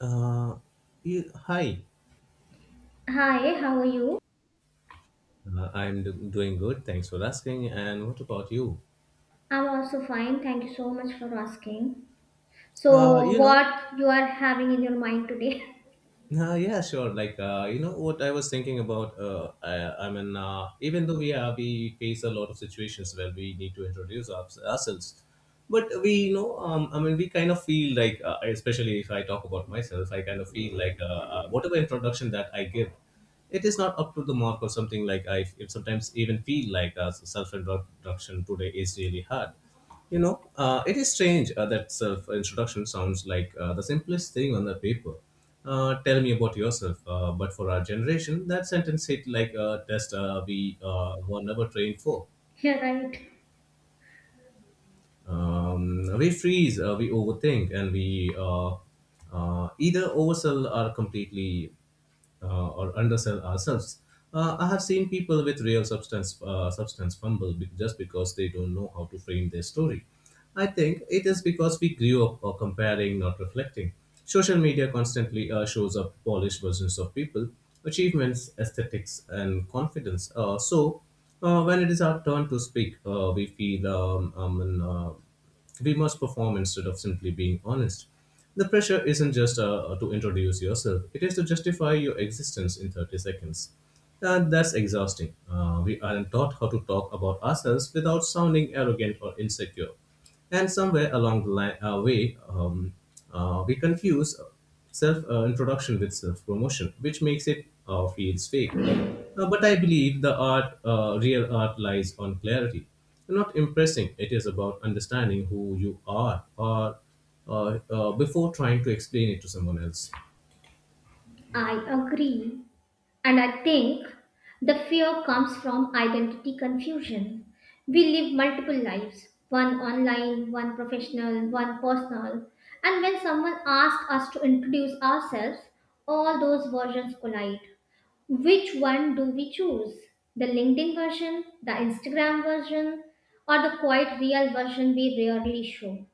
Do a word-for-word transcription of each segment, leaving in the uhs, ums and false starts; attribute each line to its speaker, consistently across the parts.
Speaker 1: Uh, yeah, hi,
Speaker 2: Hi, how are you?
Speaker 1: uh, I'm do- doing good. Thanks for asking. And what about you?
Speaker 2: I'm also fine. Thank you so much for asking.
Speaker 1: Uh,
Speaker 2: So,
Speaker 1: you know,
Speaker 2: what you are having in your mind today?
Speaker 1: uh, yeah, sure. Like, uh, you know, what I was thinking about. Uh, I, I mean, uh, even though we are, we face a lot of situations where we need to introduce our, ourselves, but we, you know, um, I mean, we kind of feel like, uh, especially if I talk about myself, I kind of feel like uh, uh, whatever introduction that I give. It is not up to the mark or something like I it sometimes even feel like uh, self-introduction today is really hard. You know, uh, it is strange uh, that self-introduction sounds like uh, the simplest thing on the paper. Uh, tell me about yourself. Uh, but for our generation, that sentence hit like a test. Uh, we uh, were never trained for.
Speaker 2: Yeah, right.
Speaker 1: Um, we freeze, uh, we overthink, and we uh, uh, either oversell or completely uh, or undersell ourselves. Uh, I have seen people with real substance uh, substance fumble be- just because they don't know how to frame their story. I think it is because we grew up, uh, comparing, not reflecting. Social media constantly uh, shows up polished versions of people, achievements, aesthetics, and confidence. Uh, so, uh, when it is our turn to speak, uh, we feel, um, um, and, uh, we must perform instead of simply being honest. The pressure isn't just uh, to introduce yourself, it is to justify your existence in thirty seconds. And that's exhausting. Uh, we aren't taught how to talk about ourselves without sounding arrogant or insecure. And somewhere along the line, uh, way, um, uh, we confuse self, uh, introduction with self promotion, which makes it uh, feels fake. Uh, but I believe the art, uh, real art, lies on clarity, not impressing. It is about understanding who you are, or uh, uh, before trying to explain it to someone else.
Speaker 2: I agree. And I think the fear comes from identity confusion. We live multiple lives, one online, one professional, one personal. And when someone asks us to introduce ourselves, all those versions collide. Which one do we choose? The LinkedIn version, the Instagram version, or the quite real version we rarely show?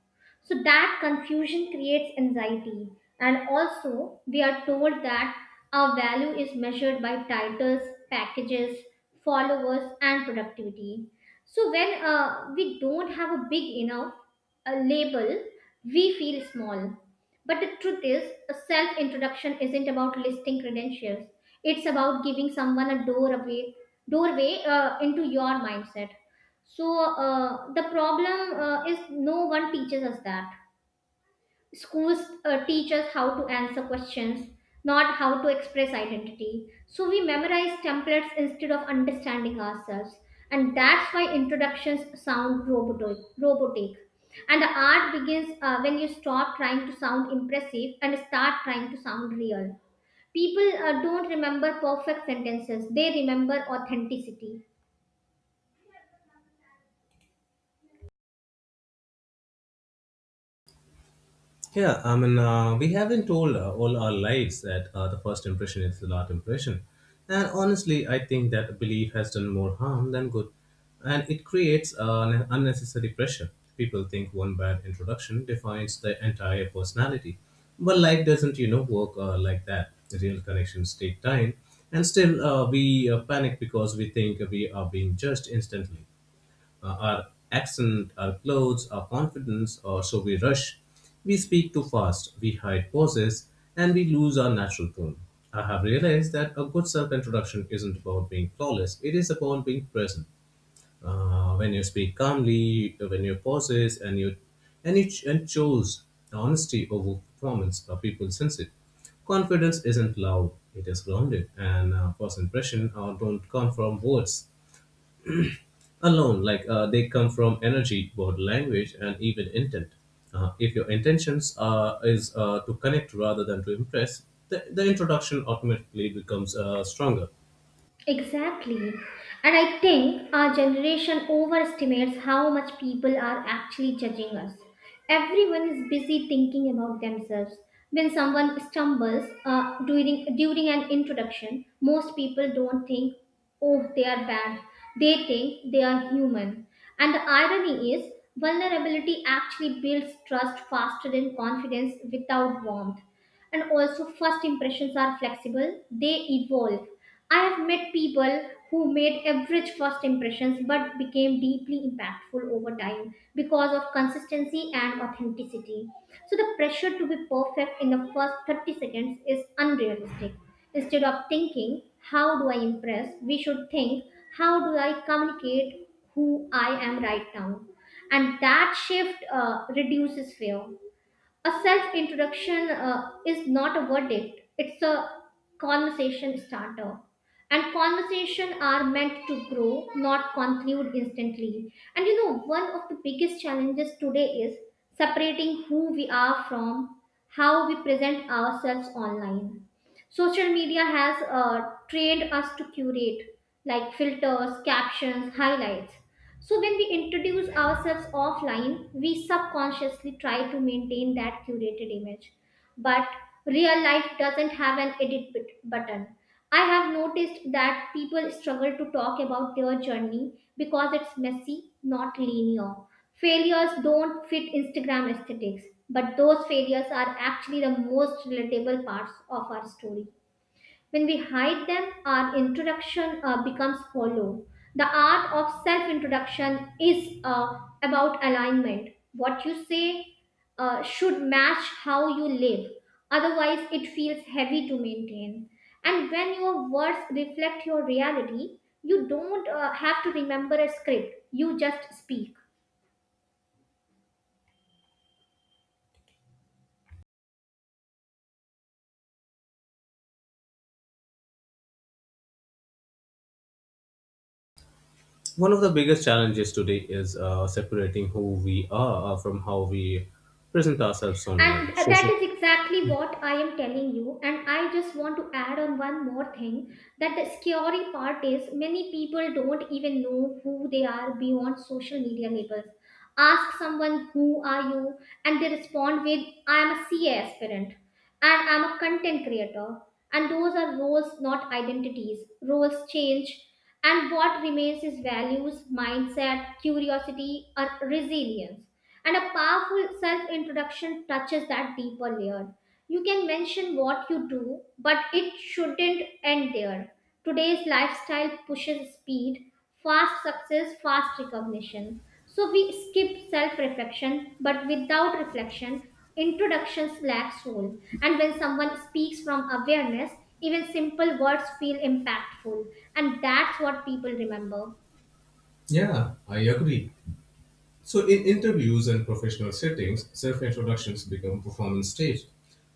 Speaker 2: So that confusion creates anxiety. And also, we are told that our value is measured by titles, packages, followers, and productivity. So when uh, we don't have a big enough uh, label, we feel small. But the truth is, a self introduction isn't about listing credentials. It's about giving someone a doorway, doorway uh, into your mindset. So uh, the problem uh, is no one teaches us that. Schools uh, teach us how to answer questions, not how to express identity. So we memorize templates instead of understanding ourselves, and that's why introductions sound robotic robotic And the art begins uh, when you stop trying to sound impressive and start trying to sound real. People uh, don't remember perfect sentences, they remember authenticity.
Speaker 1: Yeah, I mean, uh, we have been told uh, all our lives that uh, the first impression is the last impression. And honestly, I think that belief has done more harm than good. And it creates uh, an unnecessary pressure. People think one bad introduction defines their entire personality. But life doesn't, you know, work uh, like that. The real connections take time. And still, uh, we uh, panic because we think we are being judged instantly, uh, our accent, our clothes, our confidence, or so we rush. We speak too fast, we hide pauses, and we lose our natural tone. I have realized that a good self introduction isn't about being flawless, it is about being present. Uh, when you speak calmly, when you pauses, and you and you ch- and chose honesty over performance, uh, people sense it. Confidence isn't loud, it is grounded, and uh, first impression uh, don't come from words alone, like uh, they come from energy, body language, and even intent. Uh, if your intentions are is, uh, to connect rather than to impress, the, the introduction automatically becomes uh, stronger.
Speaker 2: Exactly. And I think our generation overestimates how much people are actually judging us. Everyone is busy thinking about themselves. When someone stumbles uh, during, during an introduction, most people don't think, oh, they are bad. They think they are human. And the irony is, vulnerability actually builds trust faster than confidence without warmth. And also, first impressions are flexible, they evolve. I have met people who made average first impressions but became deeply impactful over time because of consistency and authenticity. So the pressure to be perfect in the first thirty seconds is unrealistic. Instead of thinking, how do I impress, we should think, how do I communicate who I am right now. And that shift uh, reduces fear. A self introduction uh, is not a verdict, it's a conversation starter. And conversation are meant to grow, not conclude instantly. And you know, one of the biggest challenges today is separating who we are from how we present ourselves online. Social media has uh, trained us to curate, like filters, captions, highlights. So when we introduce ourselves offline, we subconsciously try to maintain that curated image. But real life doesn't have an edit bit- button. I have noticed that people struggle to talk about their journey because it's messy, not linear. Failures don't fit Instagram aesthetics, but those failures are actually the most relatable parts of our story. When we hide them, our introduction uh, becomes hollow. The art of self introduction is uh, about alignment. What you say uh, should match how you live. Otherwise, it feels heavy to maintain. And when your words reflect your reality, you don't uh, have to remember a script, you just speak.
Speaker 1: One of the biggest challenges today is uh, separating who we are from how we present ourselves online
Speaker 2: And that
Speaker 1: social.
Speaker 2: is exactly what I am telling you. And I just want to add on one more thing, that the scary part is many people don't even know who they are beyond social media labels. Ask someone, who are you? And they respond with, I am a C A aspirant and I'm a content creator. And those are roles, not identities. Roles change, and what remains is values, mindset, curiosity, or resilience. And a powerful self introduction touches that deeper layer. You can mention what you do, but it shouldn't end there. Today's lifestyle pushes speed, fast success, fast recognition. So we skip self reflection, but without reflection, introductions lack soul. And when someone speaks from awareness, even simple words feel impactful. And that's what people remember.
Speaker 1: Yeah, I agree. So, in interviews and professional settings, self introductions become performance staged.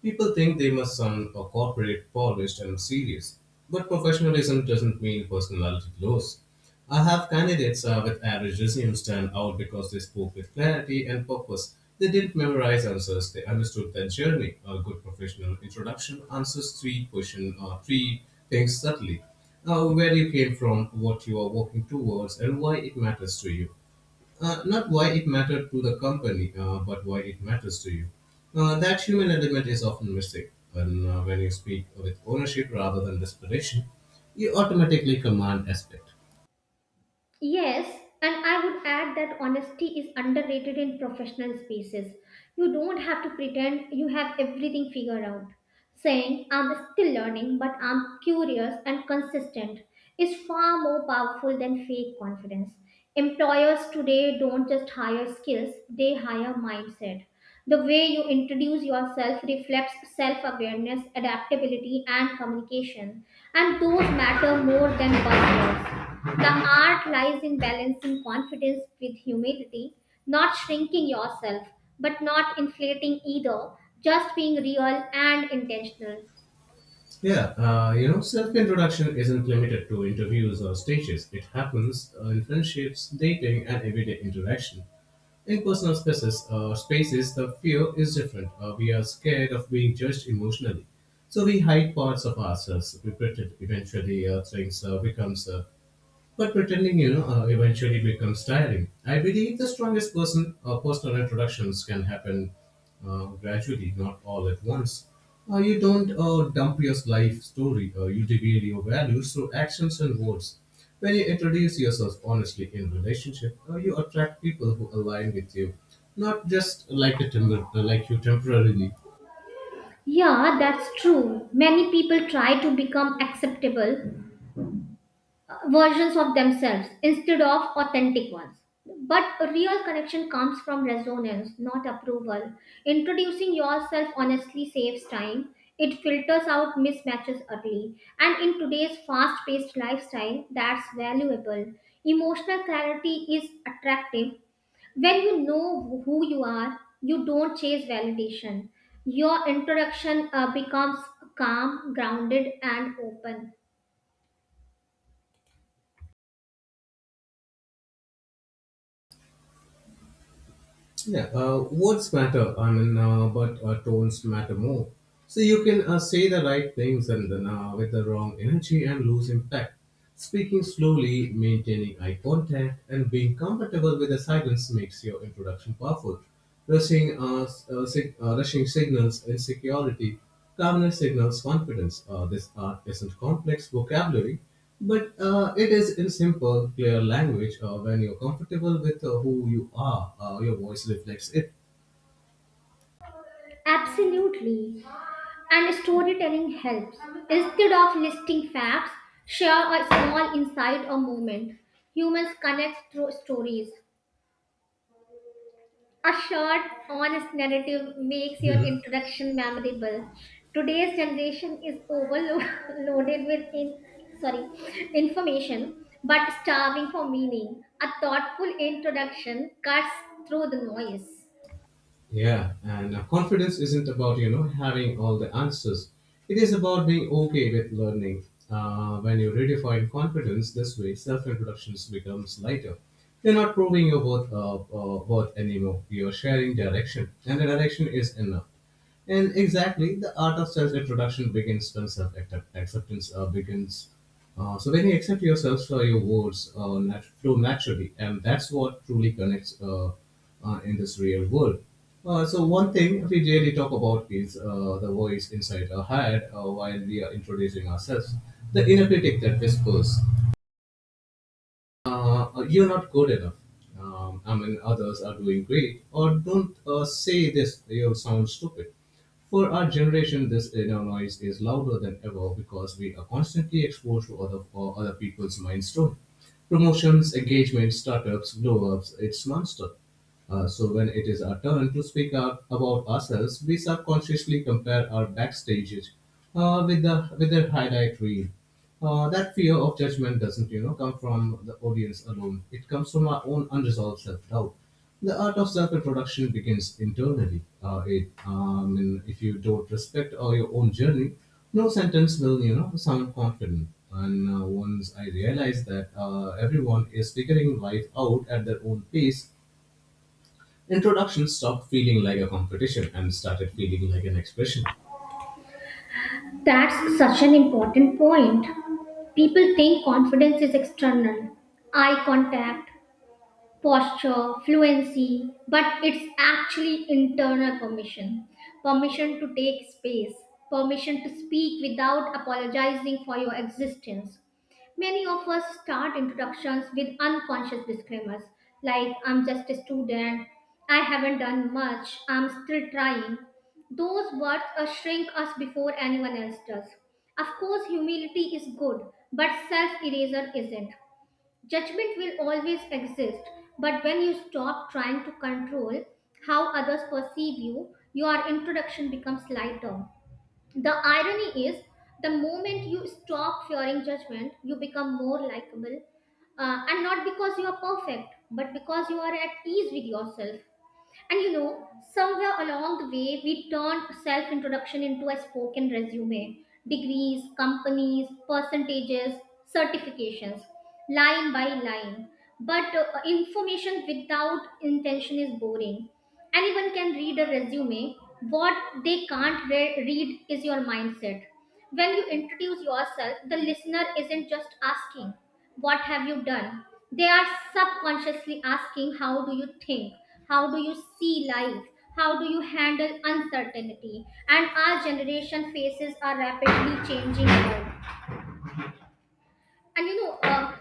Speaker 1: People think they must sound uh, corporate, polished, and serious. But professionalism doesn't mean personality loss. I have candidates uh, with average resumes stand out because they spoke with clarity and purpose. They didn't memorize answers, they understood their journey. A good professional introduction answers three questions, uh, three things subtly. Uh, where you came from, what you are working towards, and why it matters to you. Uh, not why it mattered to the company, uh, but why it matters to you. Uh, that human element is often missing. And uh, when you speak with ownership rather than desperation, you automatically command aspect.
Speaker 2: Yes, and I would add that honesty is underrated in professional spaces. You don't have to pretend you have everything figured out. Saying, I'm still learning, but I'm curious and consistent, is far more powerful than fake confidence. Employers today don't just hire skills, they hire mindset. The way you introduce yourself reflects self awareness, adaptability, and communication, and those matter more than buzzwords. The art lies in balancing confidence with humility, not shrinking yourself, but not inflating either, just being real and intentional.
Speaker 1: Yeah, uh, you know, self introduction isn't limited to interviews or stages, it happens uh, in friendships, dating, and everyday interaction. In personal spaces, uh, spaces, the fear is different. Uh, we are scared of being judged emotionally, so we hide parts of ourselves. We pretend. Eventually, uh, things uh, becomes. Uh, but pretending, you know, uh, eventually becomes tiring. I believe the strongest person uh, personal introductions can happen, uh, gradually, not all at once. Uh, you don't uh, dump your life story. Uh, you reveal your values through actions and words. When you introduce yourself honestly in relationship, uh, you attract people who align with you, not just like a temper- uh, like you temporarily.
Speaker 2: Yeah, that's true. Many people try to become acceptable uh, versions of themselves instead of authentic ones. But real connection comes from resonance, not approval. Introducing yourself honestly saves time. It filters out mismatches early. And in today's fast paced lifestyle, that's valuable. Emotional clarity is attractive. When you know who you are, you don't chase validation. Your introduction uh, becomes calm, grounded, and open.
Speaker 1: Yeah, uh, words matter, I mean, uh, but uh, tones matter more. So you can uh, say the right things and then uh, with the wrong energy and lose impact. Speaking slowly, maintaining eye contact, and being comfortable with the silence makes your introduction powerful. Rushing, uh, s- uh, sig- uh, rushing signals insecurity. Calmness signals confidence. Uh, this uh, isn't complex vocabulary, but uh, it is in simple, clear language. Uh, when you're comfortable with uh, who you are, uh, your voice reflects it.
Speaker 2: Absolutely. And storytelling helps. Instead of listing facts, share a small insight or moment. Humans connect through stories. A short, honest narrative makes your
Speaker 1: Mhm.
Speaker 2: introduction memorable. Today's generation is overloaded with in, sorry, information, but starving for meaning. A thoughtful introduction cuts through the noise.
Speaker 1: Yeah, and uh, confidence isn't about you know having all the answers. It is about being okay with learning. Uh, when you redefine confidence this way, self-introductions becomes lighter. You're not proving your worth, uh, uh, worth anymore. You're sharing direction, and the direction is enough. And exactly, the art of self introduction begins when self acceptance uh, begins. Uh, so, when you accept yourself for your words uh, nat- flow naturally, and that's what truly connects, uh, uh, in this real world. Uh, so, one thing we really talk about is uh, the voice inside our head uh, while we are introducing ourselves, the inner critic that whispers, uh, you're not good enough. Um, I mean, others are doing great, or don't uh, say this, you sound stupid. For our generation, this inner noise is louder than ever because we are constantly exposed to other, uh, other people's mindstorm. Promotions, engagements, startups, blow ups, it's monster. Uh, so when it is our turn to speak up about ourselves, we subconsciously compare our backstage, uh, with the with the highlight reel. Uh, that fear of judgment doesn't, you know, come from the audience alone. It comes from our own unresolved self-doubt. The art of self-introduction begins internally. Uh, it, um, and if you don't respect uh, your own journey, no sentence will, you know, sound confident. And uh, once I realized that uh, everyone is figuring life out at their own pace, introduction stopped feeling like a competition and started feeling like an expression.
Speaker 2: That's such an important point. People think confidence is external, eye contact, posture, fluency, but it's actually internal permission. Permission to take space, permission to speak without apologizing for your existence. Many of us start introductions with unconscious disclaimers like, I'm just a student, I haven't done much, I'm still trying. Those words uh, shrink us before anyone else does. Of course, humility is good, but self eraser isn't. Judgment will always exist, but when you stop trying to control how others perceive you, your introduction becomes lighter. The irony is, the moment you stop fearing judgment, you become more likable, uh, and not because you are perfect, but because you are at ease with yourself. And you know, somewhere along the way, we turned self introduction into a spoken resume: degrees, companies, percentages, certifications, line by line. But uh, information without intention is boring. Anyone can read a resume. What they can't re- read is your mindset. When you introduce yourself, the listener isn't just asking, what have you done? They are subconsciously asking, how do you think? How do you see life? How do you handle uncertainty? And our generation faces a rapidly changing world. And you know, uh,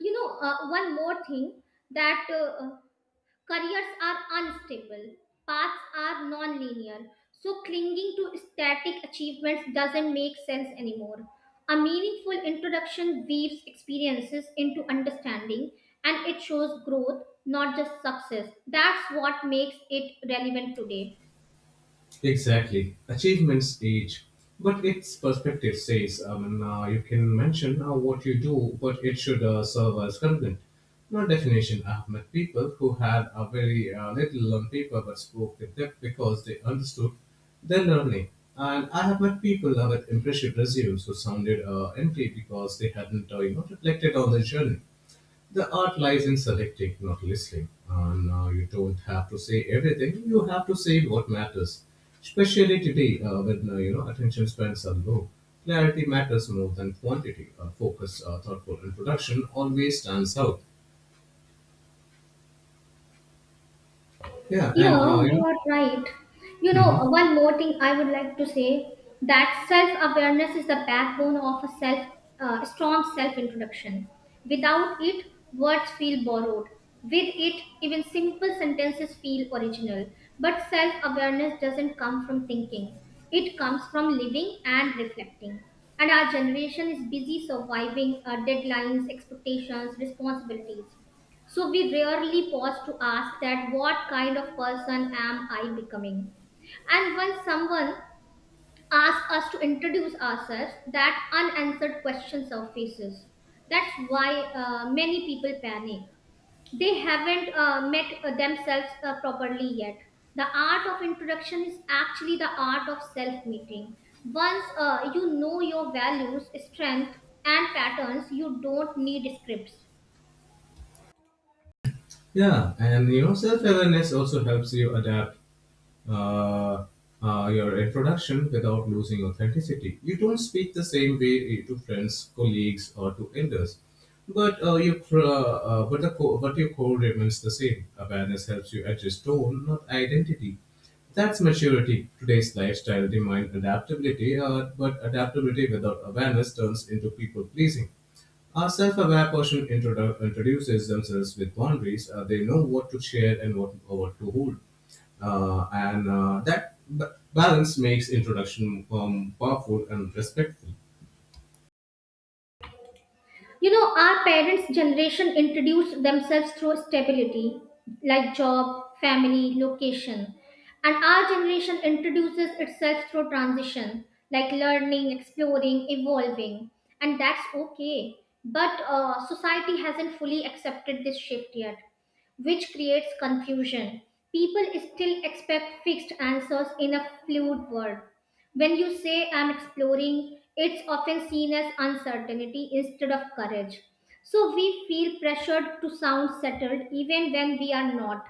Speaker 2: you know, uh, one more thing that uh, careers are unstable, paths are non-linear, so clinging to static achievements doesn't make sense anymore. A meaningful introduction weaves experiences into understanding, and it shows growth, not just success. That's what makes it relevant today.
Speaker 1: Exactly. Achievements age, but its perspective says, I mean, uh, you can mention uh, what you do, but it should uh, serve as content, not definition. I've met people who had a very uh, little on paper but spoke with depth because they understood their learning. And I have met people uh, with impressive resumes who sounded uh, empty because they hadn't, uh, you know, reflected on their journey. The art lies in selecting, not listening. And uh, you don't have to say everything. You have to say what matters. Especially today, uh, when uh, you know attention spans are low, clarity matters more than quantity. Uh, focus, uh, thoughtful introduction always stands out. Yeah, and
Speaker 2: Yeah,
Speaker 1: uh, you
Speaker 2: you
Speaker 1: know,
Speaker 2: are right. You know,
Speaker 1: hmm
Speaker 2: one more thing I would like to say, that self awareness is the backbone of a self uh, strong self introduction. Without it, words feel borrowed. With it, even simple sentences feel original. But self awareness doesn't come from thinking, it comes from living and reflecting. And our generation is busy surviving uh, deadlines, expectations, responsibilities. So we rarely pause to ask that, what kind of person am I becoming? And when someone asks us to introduce ourselves, that unanswered question surfaces. That's why uh, many people panic. They haven't uh, met uh, themselves uh, properly yet. The art of introduction is actually the art of self meeting. Once uh, you know your values, strength, and patterns, you don't need scripts.
Speaker 1: yeah, and you know, self awareness also helps you adapt uh, uh, your introduction without losing authenticity. You don't speak the same way eh, to friends, colleagues, or to elders, but uh, you cr- uh, uh, but the co- but your core remains the same. Awareness helps you adjust tone, not identity. That's maturity. Today's lifestyle demands adaptability, uh, but adaptability without awareness turns into people pleasing. A self-aware person introdu- introduces themselves with boundaries. Uh, they know what to share and what, what to hold. Uh, and uh, that b- balance makes introduction, um, powerful and respectful.
Speaker 2: You know, our parents' generation introduced themselves through stability, like job, family, location. And our generation introduces itself through transition, like learning, exploring, evolving. And that's okay. But uh, society hasn't fully accepted this shift yet, which creates confusion. People still expect fixed answers in a fluid world. When you say, I'm exploring, it's often seen as uncertainty instead of courage. So we feel pressured to sound settled even when we are not.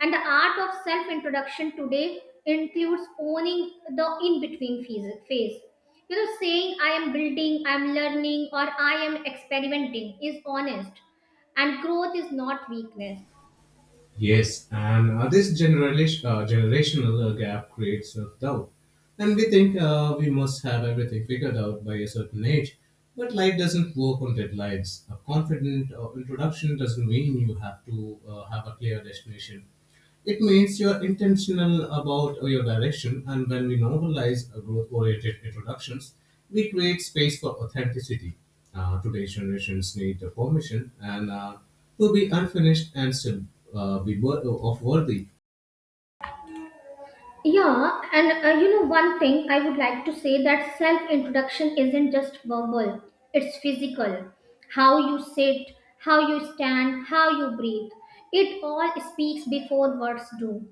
Speaker 2: And the art of self introduction today includes owning the in between phase. You know, saying I am building, I am learning, or I am experimenting is honest, and growth is not weakness.
Speaker 1: Yes, and uh, this generation, uh, generational uh, gap creates self-doubt. And we think uh, we must have everything figured out by a certain age. But life doesn't work on deadlines. A confident uh, introduction doesn't mean you have to uh, have a clear destination. It means you're intentional about your direction, and when we normalize growth oriented introductions, we create space for authenticity. Uh, today's generations need the permission and uh, to be unfinished and still uh, be wor- of worthy.
Speaker 2: Yeah, and uh, you know, one thing I would like to say, that self introduction isn't just verbal, it's physical. How you sit, how you stand, how you breathe. It all speaks before words do.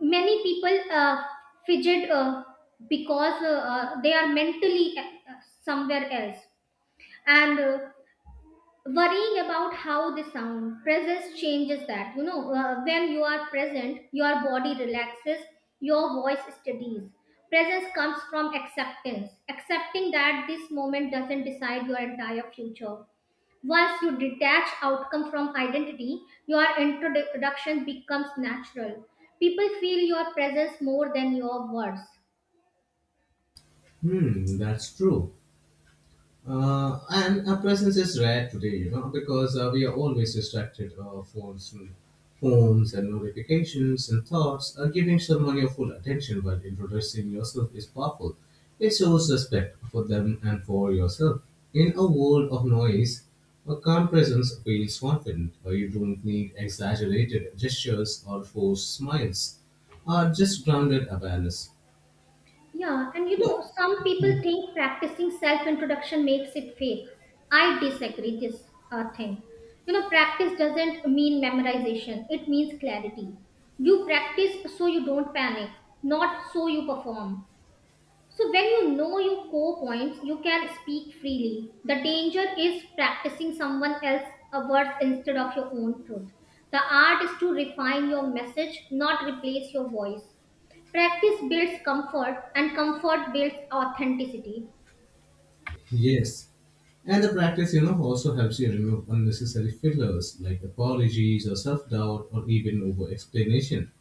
Speaker 2: Many people uh, fidget uh, because uh, uh, they are mentally uh, uh, somewhere else. And uh, worrying about how they sound, presence changes that. You know, uh, when you are present, your body relaxes, your voice steadies. Presence comes from acceptance, accepting that this moment doesn't decide your entire future. Once you detach outcome from identity, your introduction becomes natural. People feel your presence more than your words.
Speaker 1: Hmm, that's true. Uh, and our presence is rare today, you know, because uh, we are always distracted, uh, phones and phones and notifications and thoughts. Uh, giving someone your full attention while introducing yourself is powerful. It shows respect for them and for yourself. In a world of noise, a calm presence feels confident. Uh, you don't need exaggerated gestures or forced smiles. Uh, just grounded awareness.
Speaker 2: Yeah, and you know,
Speaker 1: So,
Speaker 2: some people think practicing self introduction makes it fake. I disagree this uh, thing. You know, practice doesn't mean memorization, it means clarity. You practice so you don't panic, not so you perform. So, when you know your core points, you can speak freely. The danger is practicing someone else's words instead of your own truth. The art is to refine your message, not replace your voice. Practice builds comfort, and comfort builds authenticity.
Speaker 1: yes, and the practice, you know, also helps you remove unnecessary fillers like apologies or self doubt or even over explanation.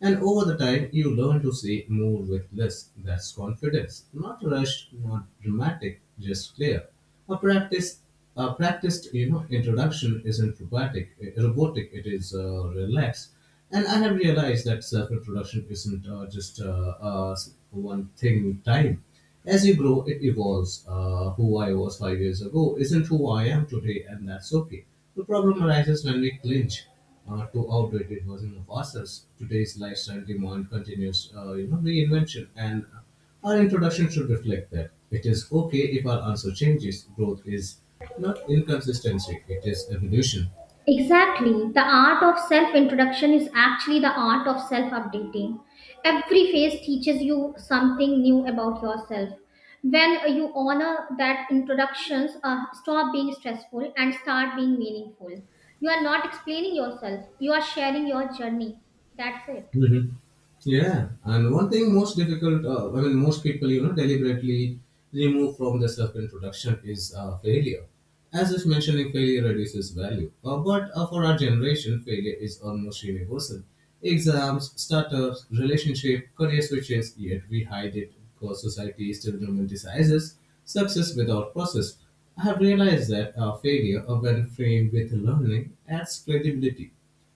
Speaker 1: And over the time, you learn to say more with less. That's confidence. Not rushed, not dramatic, just clear. A practice, a practiced, you know, introduction isn't robotic. eh, Robotic. It is uh, relaxed. And I have realized that self-introduction isn't uh, just uh, uh, one thing time. As you grow, it evolves. Uh, who I was five years ago isn't who I am today, and that's okay. The problem arises when we clinch uh, to outdated version of ourselves. Today's lifestyle demand continues, uh, you know, reinvention, and our introduction should reflect that. It is okay if our answer changes. Growth is not inconsistency; it is evolution.
Speaker 2: Exactly. The art of self introduction is actually the art of self updating. Every phase teaches you something new about yourself. When you honor that, introductions uh, stop being stressful and start being meaningful. You are not explaining yourself, you are sharing your journey. That's it.
Speaker 1: Hmm. Yeah, and one thing most difficult, uh, I mean, most people, you know, deliberately remove from the self introduction is uh, failure. As if mentioning failure reduces value. Uh, but uh, for our generation, failure is almost universal. Exams, startups, relationship, career switches, yet we hide it because society still romanticizes success without process. I have realized that uh, failure, uh, when framed with learning, adds credibility.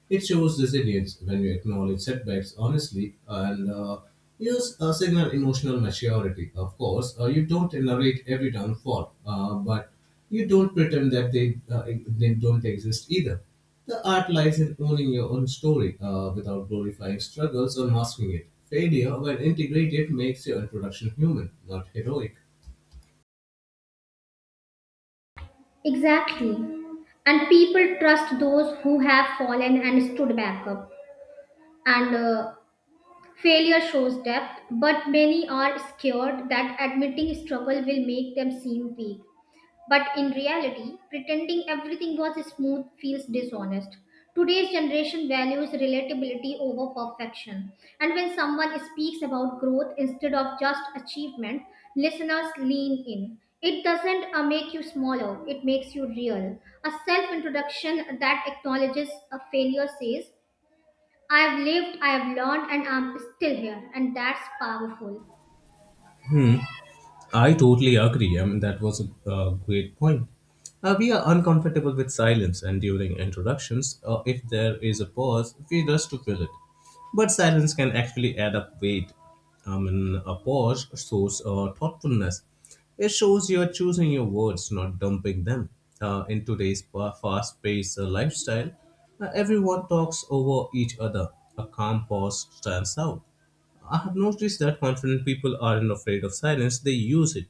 Speaker 1: It shows resilience when you acknowledge setbacks honestly and uh, use a signal emotional maturity. Of course, uh, you don't narrate every downfall, uh, but you don't pretend that they, uh, e, they don't exist either. The art lies in owning your own story uh, without glorifying struggles or masking it. Failure, when integrated, makes your introduction human, not heroic.
Speaker 2: Exactly. And people trust those who have fallen and stood back up. And uh, Failure shows depth, but many are scared that admitting struggle will make them seem weak. But in reality, pretending everything was smooth feels dishonest. Today's generation values relatability over perfection. And when someone speaks about growth instead of just achievement, listeners lean in. It doesn't uh, make you smaller, it makes you real. A self introduction that acknowledges a failure says, I've lived, I've learned, and I'm still here, and that's powerful.
Speaker 1: I totally agree. I mean, that was a, uh great point. Uh, we are uncomfortable with silence, and during introductions, uh, if there is a pause, we rush to fill it. But silence can actually add up weight. I mean, a pause shows uh, thoughtfulness. It shows you are choosing your words, not dumping them. Uh, in today's fa- fast-paced uh, lifestyle, uh, everyone talks over each other. A calm pause stands out. I have noticed that confident people aren't afraid of silence, they use it.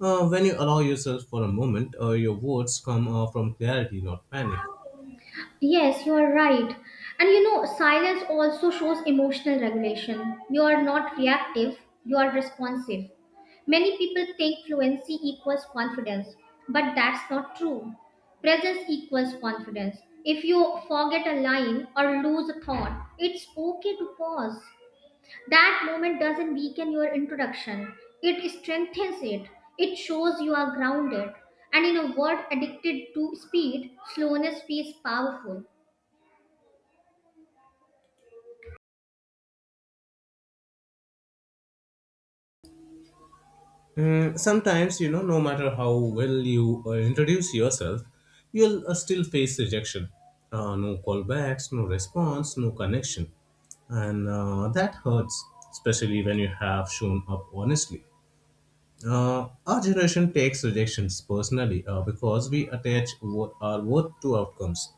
Speaker 1: Uh, when you allow yourself for a moment, uh, your words come uh, from clarity, not panic.
Speaker 2: Yes, you are right. And you know, silence also shows emotional regulation. You are not reactive, you are responsive. Many people think fluency equals confidence, but that's not true. Presence equals confidence. If you forget a line or lose a thought, it's okay to pause. That moment doesn't weaken your introduction, it strengthens it. It shows you are grounded. And in a world addicted to speed, slowness feels powerful.
Speaker 1: Mm, sometimes, you know, no matter how well you uh, introduce yourself, you'll uh, still face rejection. Uh, no callbacks, no response, no connection. And uh, that hurts, especially when you have shown up honestly. Uh, our generation takes rejections personally uh, because we attach wo- our worth to outcomes.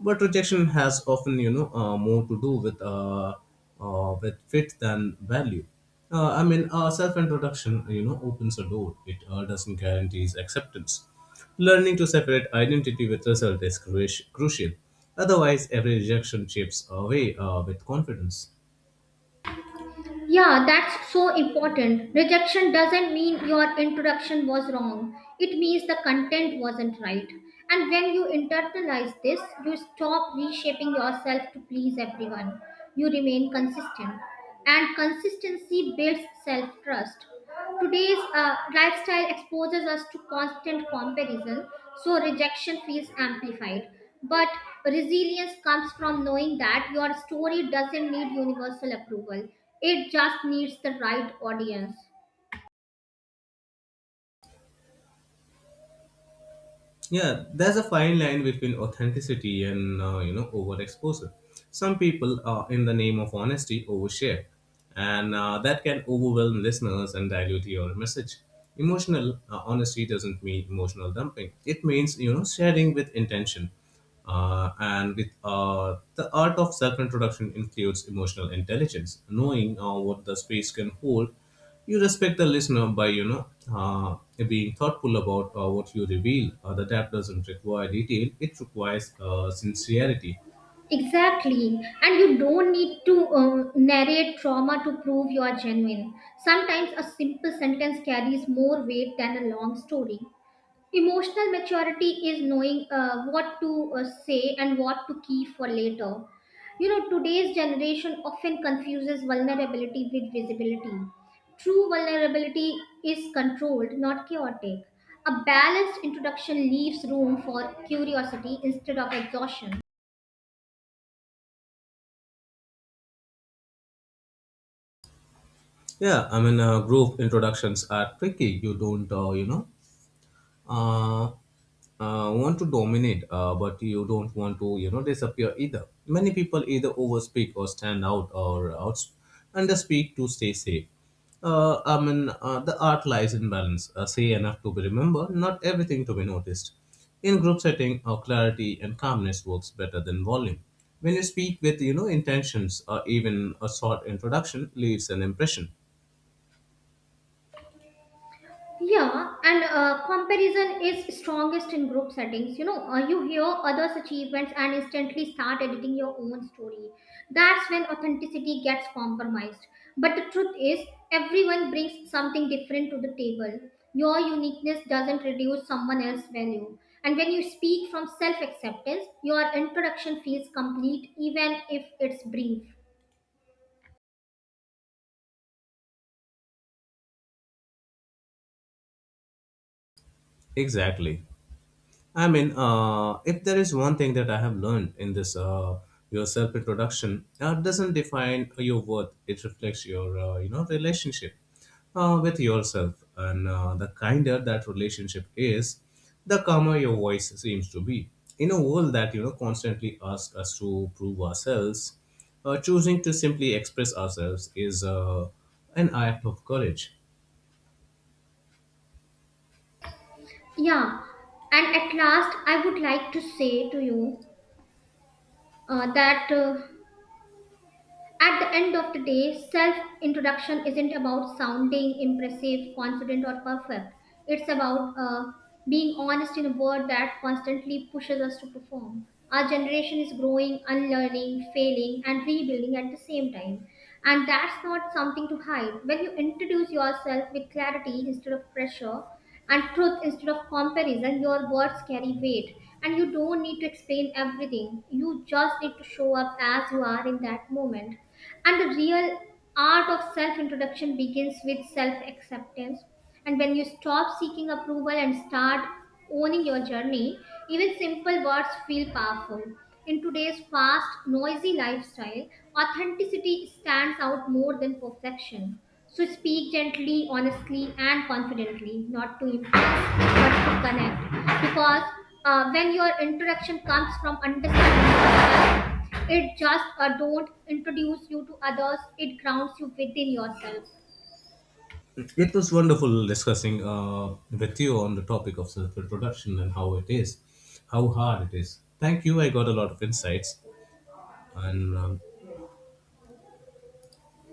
Speaker 1: But rejection has often, you know, uh, more to do with uh, uh, with fit than value. Uh, I mean, uh, self-introduction, you know, opens a door. It uh, doesn't guarantees acceptance. Learning to separate identity with result is cru- crucial. Otherwise, every rejection chips away uh, with confidence.
Speaker 2: Yeah, that's so important. Rejection doesn't mean your introduction was wrong. It means the content wasn't right. And when you internalize this, you stop reshaping yourself to please everyone. You remain consistent. And consistency builds self trust. Today's uh, lifestyle exposes us to constant comparison, so rejection feels amplified. But resilience comes from knowing that your story doesn't need universal approval, it just needs the right audience.
Speaker 1: Yeah, there's a fine line between authenticity and uh, you know overexposure. Some people, uh, in the name of honesty, overshare, and uh, that can overwhelm listeners and dilute your message. Emotional uh, honesty doesn't mean emotional dumping. It means you know sharing with intention. Uh, and with uh, The art of self-introduction includes emotional intelligence, knowing uh, what the space can hold. You respect the listener by you know uh, being thoughtful about uh, what you reveal. Uh, the tap doesn't require detail; it requires uh, sincerity.
Speaker 2: Exactly, and you don't need to um, narrate trauma to prove you are genuine. Sometimes a simple sentence carries more weight than a long story. Emotional maturity is knowing uh, what to uh, say and what to keep for later. You know, today's generation often confuses vulnerability with visibility. True vulnerability is controlled, not chaotic. A balanced introduction leaves room for curiosity instead of exhaustion.
Speaker 1: Yeah, I mean, uh, group introductions are tricky. You don't uh, you know uh, uh, want to dominate, uh, but you don't want to, you know, disappear either. Many people either overspeak or stand out or out underspeak to stay safe. Uh, I mean, uh, the art lies in balance. Uh, say enough to be remembered, not everything to be noticed. In group setting, uh, clarity and calmness works better than volume. When you speak with, you know, intentions, or even a short introduction leaves an impression.
Speaker 2: Yeah, and uh, comparison is strongest in group settings. You know, uh, you hear others' achievements and instantly start editing your own story. That's when authenticity gets compromised. But the truth is, everyone brings something different to the table. Your uniqueness doesn't reduce someone else's value. And when you speak from self acceptance, your introduction feels complete, even if it's brief.
Speaker 1: Exactly. I mean, uh, if there is one thing that I have learned in this, uh, your self introduction uh, doesn't define your worth. It reflects your, uh, you know, relationship uh, with yourself, and uh, the kinder that relationship is, the calmer your voice seems to be. In a world that you know constantly asks us to prove ourselves, uh, choosing to simply express ourselves is uh, an act of courage.
Speaker 2: Yeah, and at last, I would like to say to you uh, that. Uh, at the end of the day, self introduction isn't about sounding impressive, confident, or perfect. It's about uh, being honest in a world that constantly pushes us to perform. Our generation is growing, unlearning, failing, and rebuilding at the same time. And that's not something to hide. When you introduce yourself with clarity instead of pressure, and truth instead of comparison, your words carry weight. And you don't need to explain everything. You just need to show up as you are in that moment, and the real art of self introduction begins with self acceptance. And when you stop seeking approval and start owning your journey, even simple words feel powerful. In today's fast noisy lifestyle, authenticity stands out more than perfection. So speak gently, honestly, and confidently, not to impress but to connect, because uh, when your introduction comes from understanding yourself, it just uh, don't introduce you to others, it grounds you within yourself.
Speaker 1: It was wonderful discussing uh, with you on the topic of self introduction and how it is, how hard it is. Thank you. I got a lot of insights, and um,